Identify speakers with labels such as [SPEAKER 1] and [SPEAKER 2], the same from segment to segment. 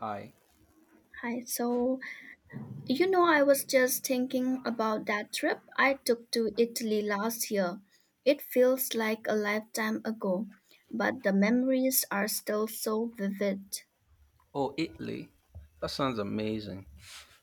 [SPEAKER 1] Hi.
[SPEAKER 2] Hi. So, I was just thinking about that trip I took to Italy last year. It feels like a lifetime ago, but the memories are still so vivid.
[SPEAKER 1] Oh, Italy. That sounds amazing.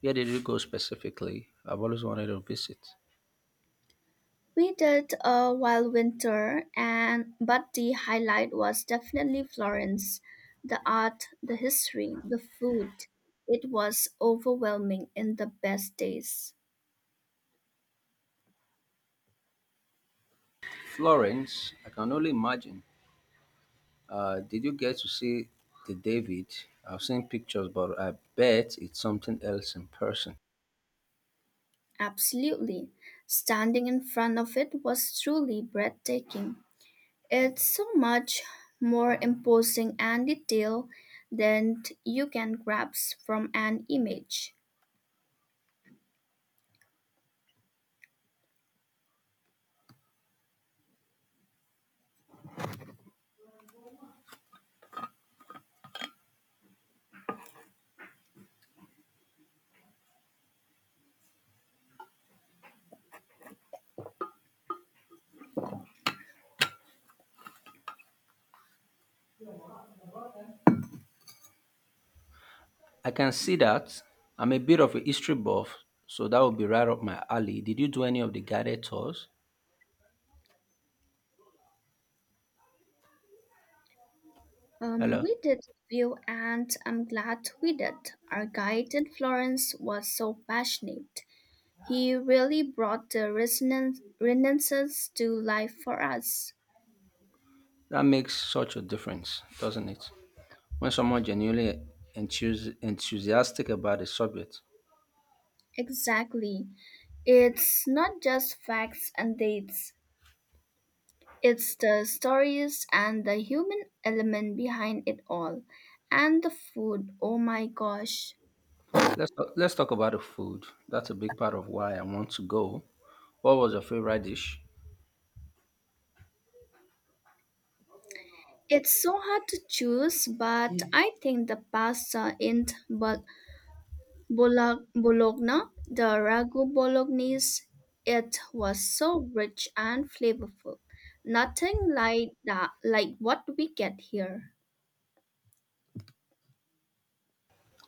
[SPEAKER 1] Where did you go specifically? I've always wanted to visit.
[SPEAKER 2] We did a wild winter and but the highlight was definitely Florence. The art, the history, the food. It was overwhelming in the best days.
[SPEAKER 1] Florence. I can only imagine. Did you get to see the David? I've seen pictures, but I bet it's something else in person.
[SPEAKER 2] Absolutely. Standing in front of it was truly breathtaking. It's so much more imposing and detailed than you can grasp from an image.
[SPEAKER 1] I can see that. I'm a bit of a history buff, so that would be right up my alley. Did you do any of the guided tours? Hello.
[SPEAKER 2] We did view, and I'm glad we did. Our guide in Florence was so passionate. He really brought the resonances to life for us.
[SPEAKER 1] That makes such a difference, doesn't it? When someone genuinely enthusiastic about a subject,
[SPEAKER 2] Exactly. It's not just facts and dates. It's the stories and the human element behind it all. And the food, oh my gosh.
[SPEAKER 1] Let's talk about the food. That's a big part of why I want to go. What was your favorite dish?
[SPEAKER 2] It's so hard to choose, but I think the pasta in Bologna, the ragu bolognese, it was so rich and flavorful. Nothing like that, like what we get here.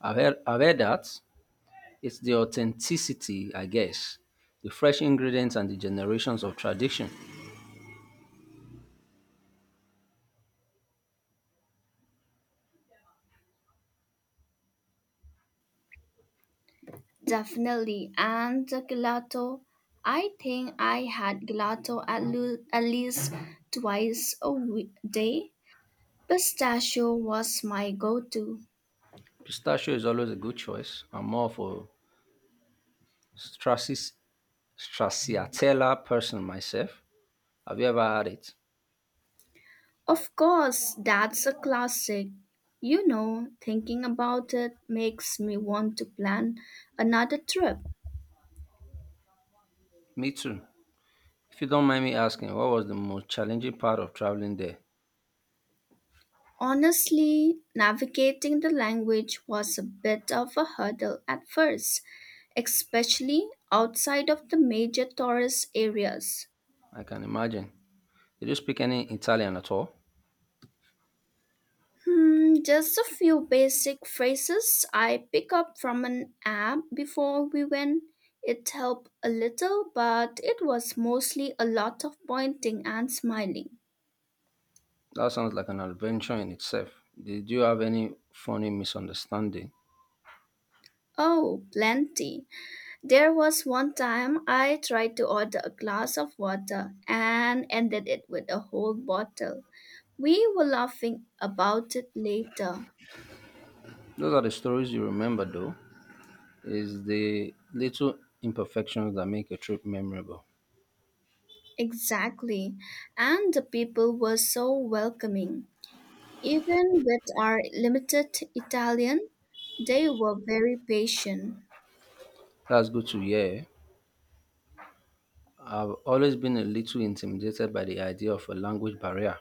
[SPEAKER 1] I've heard that it's the authenticity, I guess, the fresh ingredients and the generations of tradition.
[SPEAKER 2] Definitely. And the gelato, I think I had gelato at least twice a day. Pistachio was my go to.
[SPEAKER 1] Pistachio is always a good choice. I'm more of a Strassi- stracciatella person myself. Have you ever had it?
[SPEAKER 2] Of course, that's a classic. You know, thinking about it makes me want to plan another trip.
[SPEAKER 1] Me too. If you don't mind me asking, what was the most challenging part of traveling there?
[SPEAKER 2] Honestly, navigating the language was a bit of a hurdle at first, especially outside of the major tourist areas.
[SPEAKER 1] I can imagine. Did you speak any Italian at all?
[SPEAKER 2] Just a few basic phrases I pick up from an app before we went. It helped a little, but it was mostly a lot of pointing and smiling.
[SPEAKER 1] That sounds like an adventure in itself. Did you have any funny misunderstanding?
[SPEAKER 2] Oh, plenty. There was one time I tried to order a glass of water and ended it with a whole bottle. We were laughing about it later.
[SPEAKER 1] Those are the stories you remember, though. Is the little imperfections that make a trip memorable.
[SPEAKER 2] Exactly. And the people were so welcoming. Even with our limited Italian, they were very patient.
[SPEAKER 1] That's good to hear. I've always been a little intimidated by the idea of a language barrier.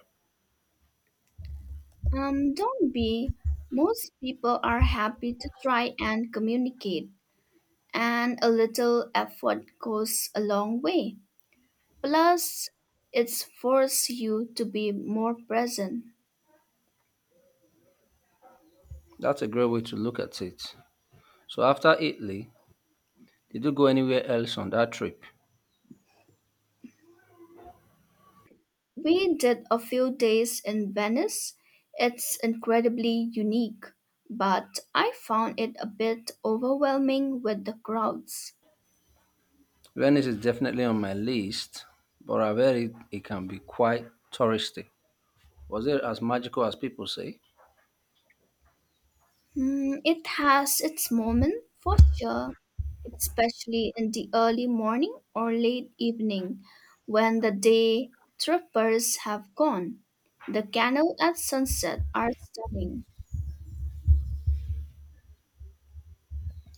[SPEAKER 2] Don't be. Most people are happy to try and communicate, and a little effort goes a long way. Plus, it's forced you to be more present.
[SPEAKER 1] That's a great way to look at it. So after Italy, did you go anywhere else on that trip?
[SPEAKER 2] We did a few days in Venice. It's incredibly unique, but I found it a bit overwhelming with the crowds.
[SPEAKER 1] Venice is definitely on my list, but it can be quite touristy. Was it as magical as people say?
[SPEAKER 2] It has its moment for sure, especially in the early morning or late evening when the day trippers have gone. The canal at sunset are stunning.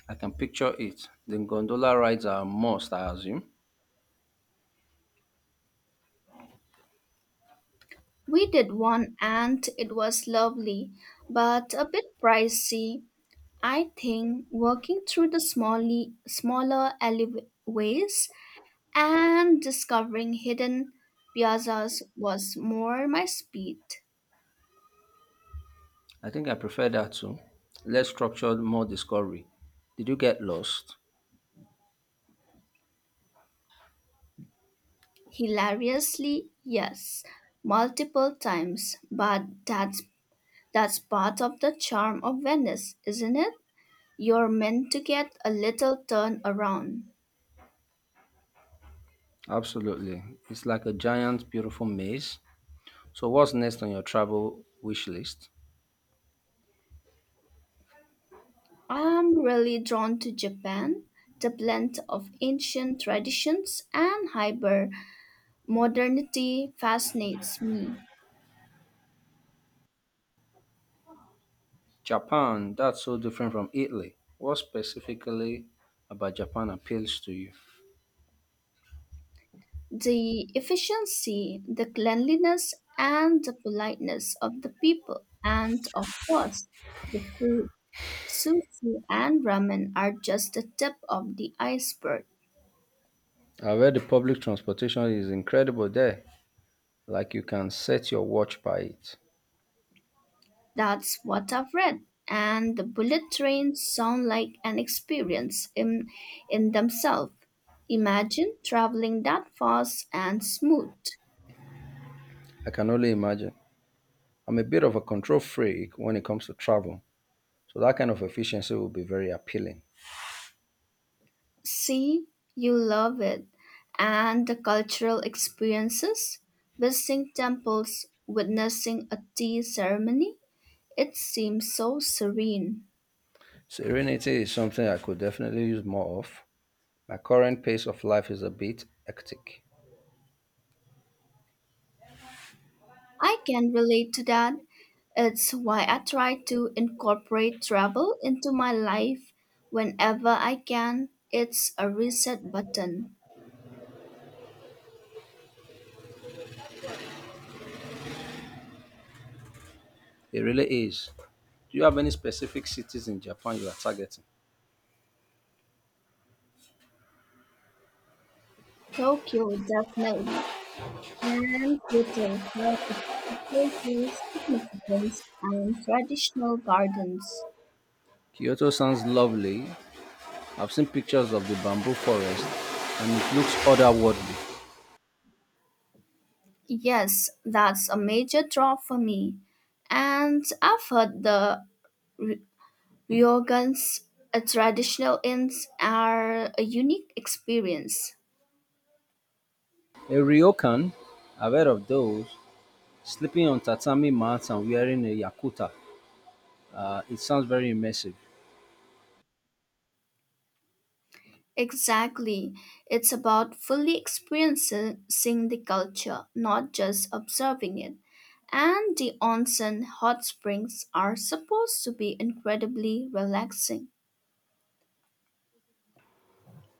[SPEAKER 1] I can picture it. The gondola rides are a must, I assume.
[SPEAKER 2] We did one and it was lovely, but a bit pricey. I think working through the smaller alleyways and discovering hidden piazzas was more my speed.
[SPEAKER 1] I think I prefer that too. Less structured, more discovery. Did you get lost?
[SPEAKER 2] Hilariously, yes, multiple times, but that's part of the charm of Venice, isn't it? You're meant to get a little turn around.
[SPEAKER 1] Absolutely. It's like a giant, beautiful maze. So, what's next on your travel wish list?
[SPEAKER 2] I'm really drawn to Japan, the blend of ancient traditions and hyper modernity fascinates me.
[SPEAKER 1] Japan, that's so different from Italy. What specifically about Japan appeals to you?
[SPEAKER 2] The efficiency, the cleanliness, and the politeness of the people, and of course, the food. Sushi and ramen are just the tip of the iceberg.
[SPEAKER 1] I read the public transportation is incredible there. Like you can set your watch by it.
[SPEAKER 2] That's what I've read. And the bullet trains sound like an experience in themselves. Imagine traveling that fast and smooth.
[SPEAKER 1] I can only imagine. I'm a bit of a control freak when it comes to travel. So that kind of efficiency will be very appealing.
[SPEAKER 2] See, you love it. And the cultural experiences, visiting temples, witnessing a tea ceremony, it seems so serene.
[SPEAKER 1] Serenity is something I could definitely use more of. My current pace of life is a bit hectic.
[SPEAKER 2] I can relate to that. It's why I try to incorporate travel into my life whenever I can. It's a reset button.
[SPEAKER 1] It really is. Do you have any specific cities in Japan you are targeting?
[SPEAKER 2] Tokyo, definitely. And Kyoto for its cultural significance and traditional gardens.
[SPEAKER 1] Kyoto sounds lovely. I've seen pictures of the bamboo forest and it looks otherworldly.
[SPEAKER 2] Yes, that's a major draw for me. And I've heard the ry- ryogans, traditional inns, are a unique experience.
[SPEAKER 1] A ryokan, I've heard of those, sleeping on tatami mats and wearing a yakuta. It sounds very immersive.
[SPEAKER 2] Exactly. It's about fully experiencing the culture, not just observing it. And the onsen hot springs are supposed to be incredibly relaxing.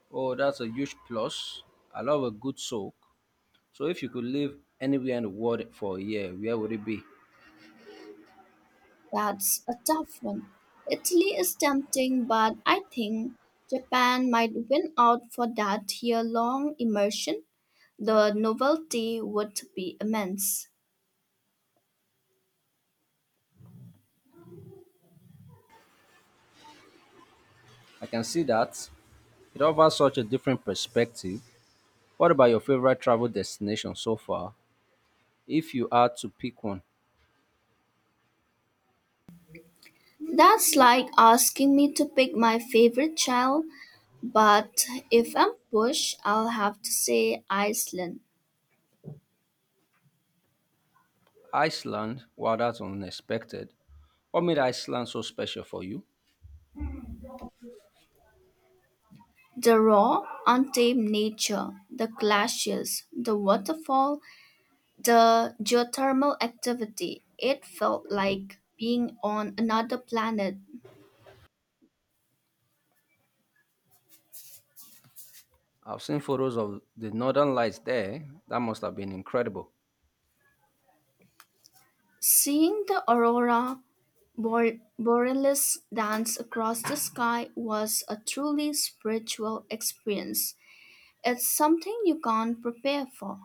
[SPEAKER 1] Oh, that's a huge plus. I love a good soak. So if you could live anywhere in the world for a year, where would it be?
[SPEAKER 2] That's a tough one. Italy is tempting, but I think Japan might win out for that year long immersion. The novelty would be immense.
[SPEAKER 1] I can see that. It offers such a different perspective. What about your favorite travel destination so far? If you had to pick one,
[SPEAKER 2] That's like asking me to pick my favorite child. But if I'm pushed, I'll have to say Iceland.
[SPEAKER 1] Iceland, wow, that's unexpected. What made Iceland so special for you?
[SPEAKER 2] The raw, untamed nature, the glaciers, the waterfall, the geothermal activity, it felt like being on another planet.
[SPEAKER 1] I've seen photos of the northern lights there. That must have been incredible.
[SPEAKER 2] Seeing the aurora borealis dance across the sky was a truly spiritual experience. It's something you can't prepare for.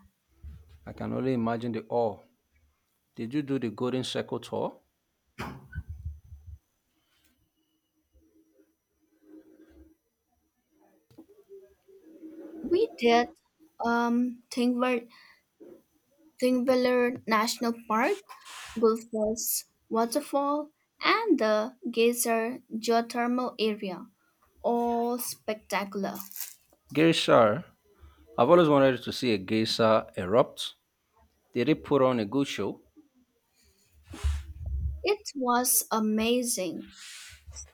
[SPEAKER 1] I can only imagine the awe. Did you do the Golden Circle tour?
[SPEAKER 2] We did um, thing ver- Thingvellir National Park, Gullfoss Waterfall, and the Geyser Geothermal Area, all spectacular.
[SPEAKER 1] Geysir. I've always wanted to see a geyser erupt. Did it put on a good show?
[SPEAKER 2] It was amazing.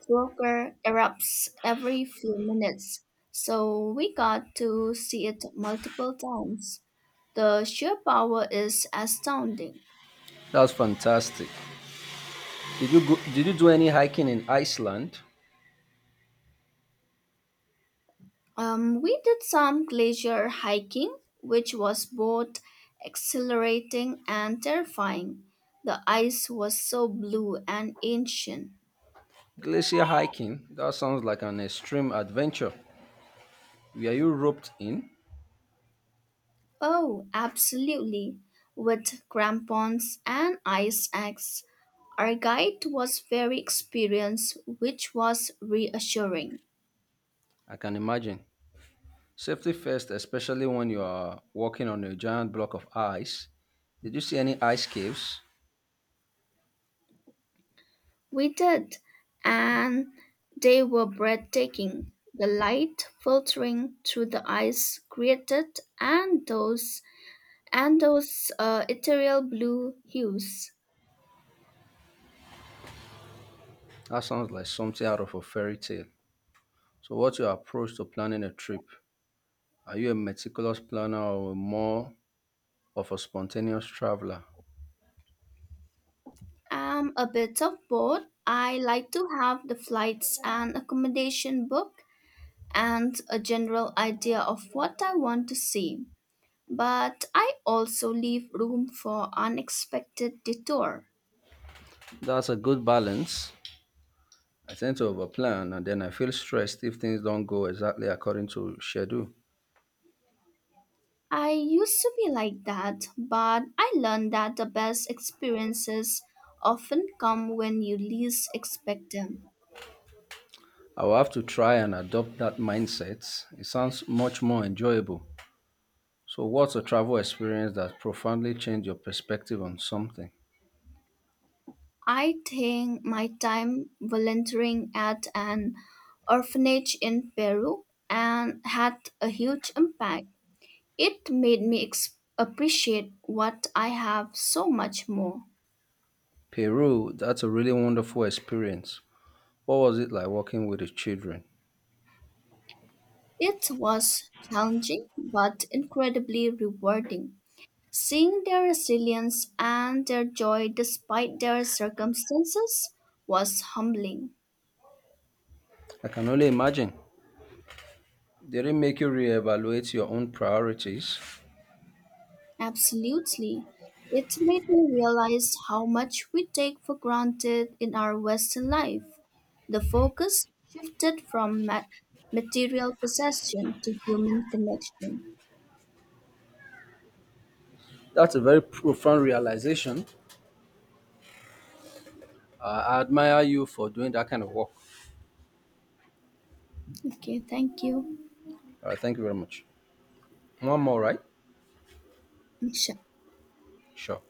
[SPEAKER 2] Volker erupts every few minutes, so we got to see it multiple times. The sheer power is astounding.
[SPEAKER 1] That's fantastic. Did you do any hiking in Iceland?
[SPEAKER 2] We did some glacier hiking, which was both exhilarating and terrifying. The ice was so blue and ancient.
[SPEAKER 1] Glacier hiking? That sounds like an extreme adventure. Were you roped in?
[SPEAKER 2] Oh, absolutely. With crampons and ice axe. Our guide was very experienced, which was reassuring.
[SPEAKER 1] I can imagine. Safety first, especially when you are walking on a giant block of ice. Did you see any ice caves?
[SPEAKER 2] We did, and they were breathtaking. The light filtering through the ice created and those ethereal blue hues.
[SPEAKER 1] That sounds like something out of a fairy tale. So, what's your approach to planning a trip? Are you a meticulous planner or more of a spontaneous traveler?
[SPEAKER 2] I'm a bit of both. I like to have the flights and accommodation booked and a general idea of what I want to see, but I also leave room for unexpected detour.
[SPEAKER 1] That's a good balance. I tend to overplan and then I feel stressed if things don't go exactly according to schedule.
[SPEAKER 2] I used to be like that, but I learned that the best experiences often come when you least expect them.
[SPEAKER 1] I will have to try and adopt that mindset. It sounds much more enjoyable. So, what's a travel experience that profoundly changed your perspective on something?
[SPEAKER 2] I think my time volunteering at an orphanage in Peru and had a huge impact. It made me appreciate what I have so much more.
[SPEAKER 1] Peru, that's a really wonderful experience. What was it like working with the children?
[SPEAKER 2] It was challenging but incredibly rewarding. Seeing their resilience and their joy despite their circumstances was humbling.
[SPEAKER 1] I can only imagine. Did it make you reevaluate your own priorities?
[SPEAKER 2] Absolutely. It made me realize how much we take for granted in our Western life. The focus shifted from material possession to human connection.
[SPEAKER 1] That's a very profound realization. I admire you for doing that kind of work.
[SPEAKER 2] Okay, thank you.
[SPEAKER 1] All right, thank you very much. One more, right?
[SPEAKER 2] Sure.
[SPEAKER 1] Sure.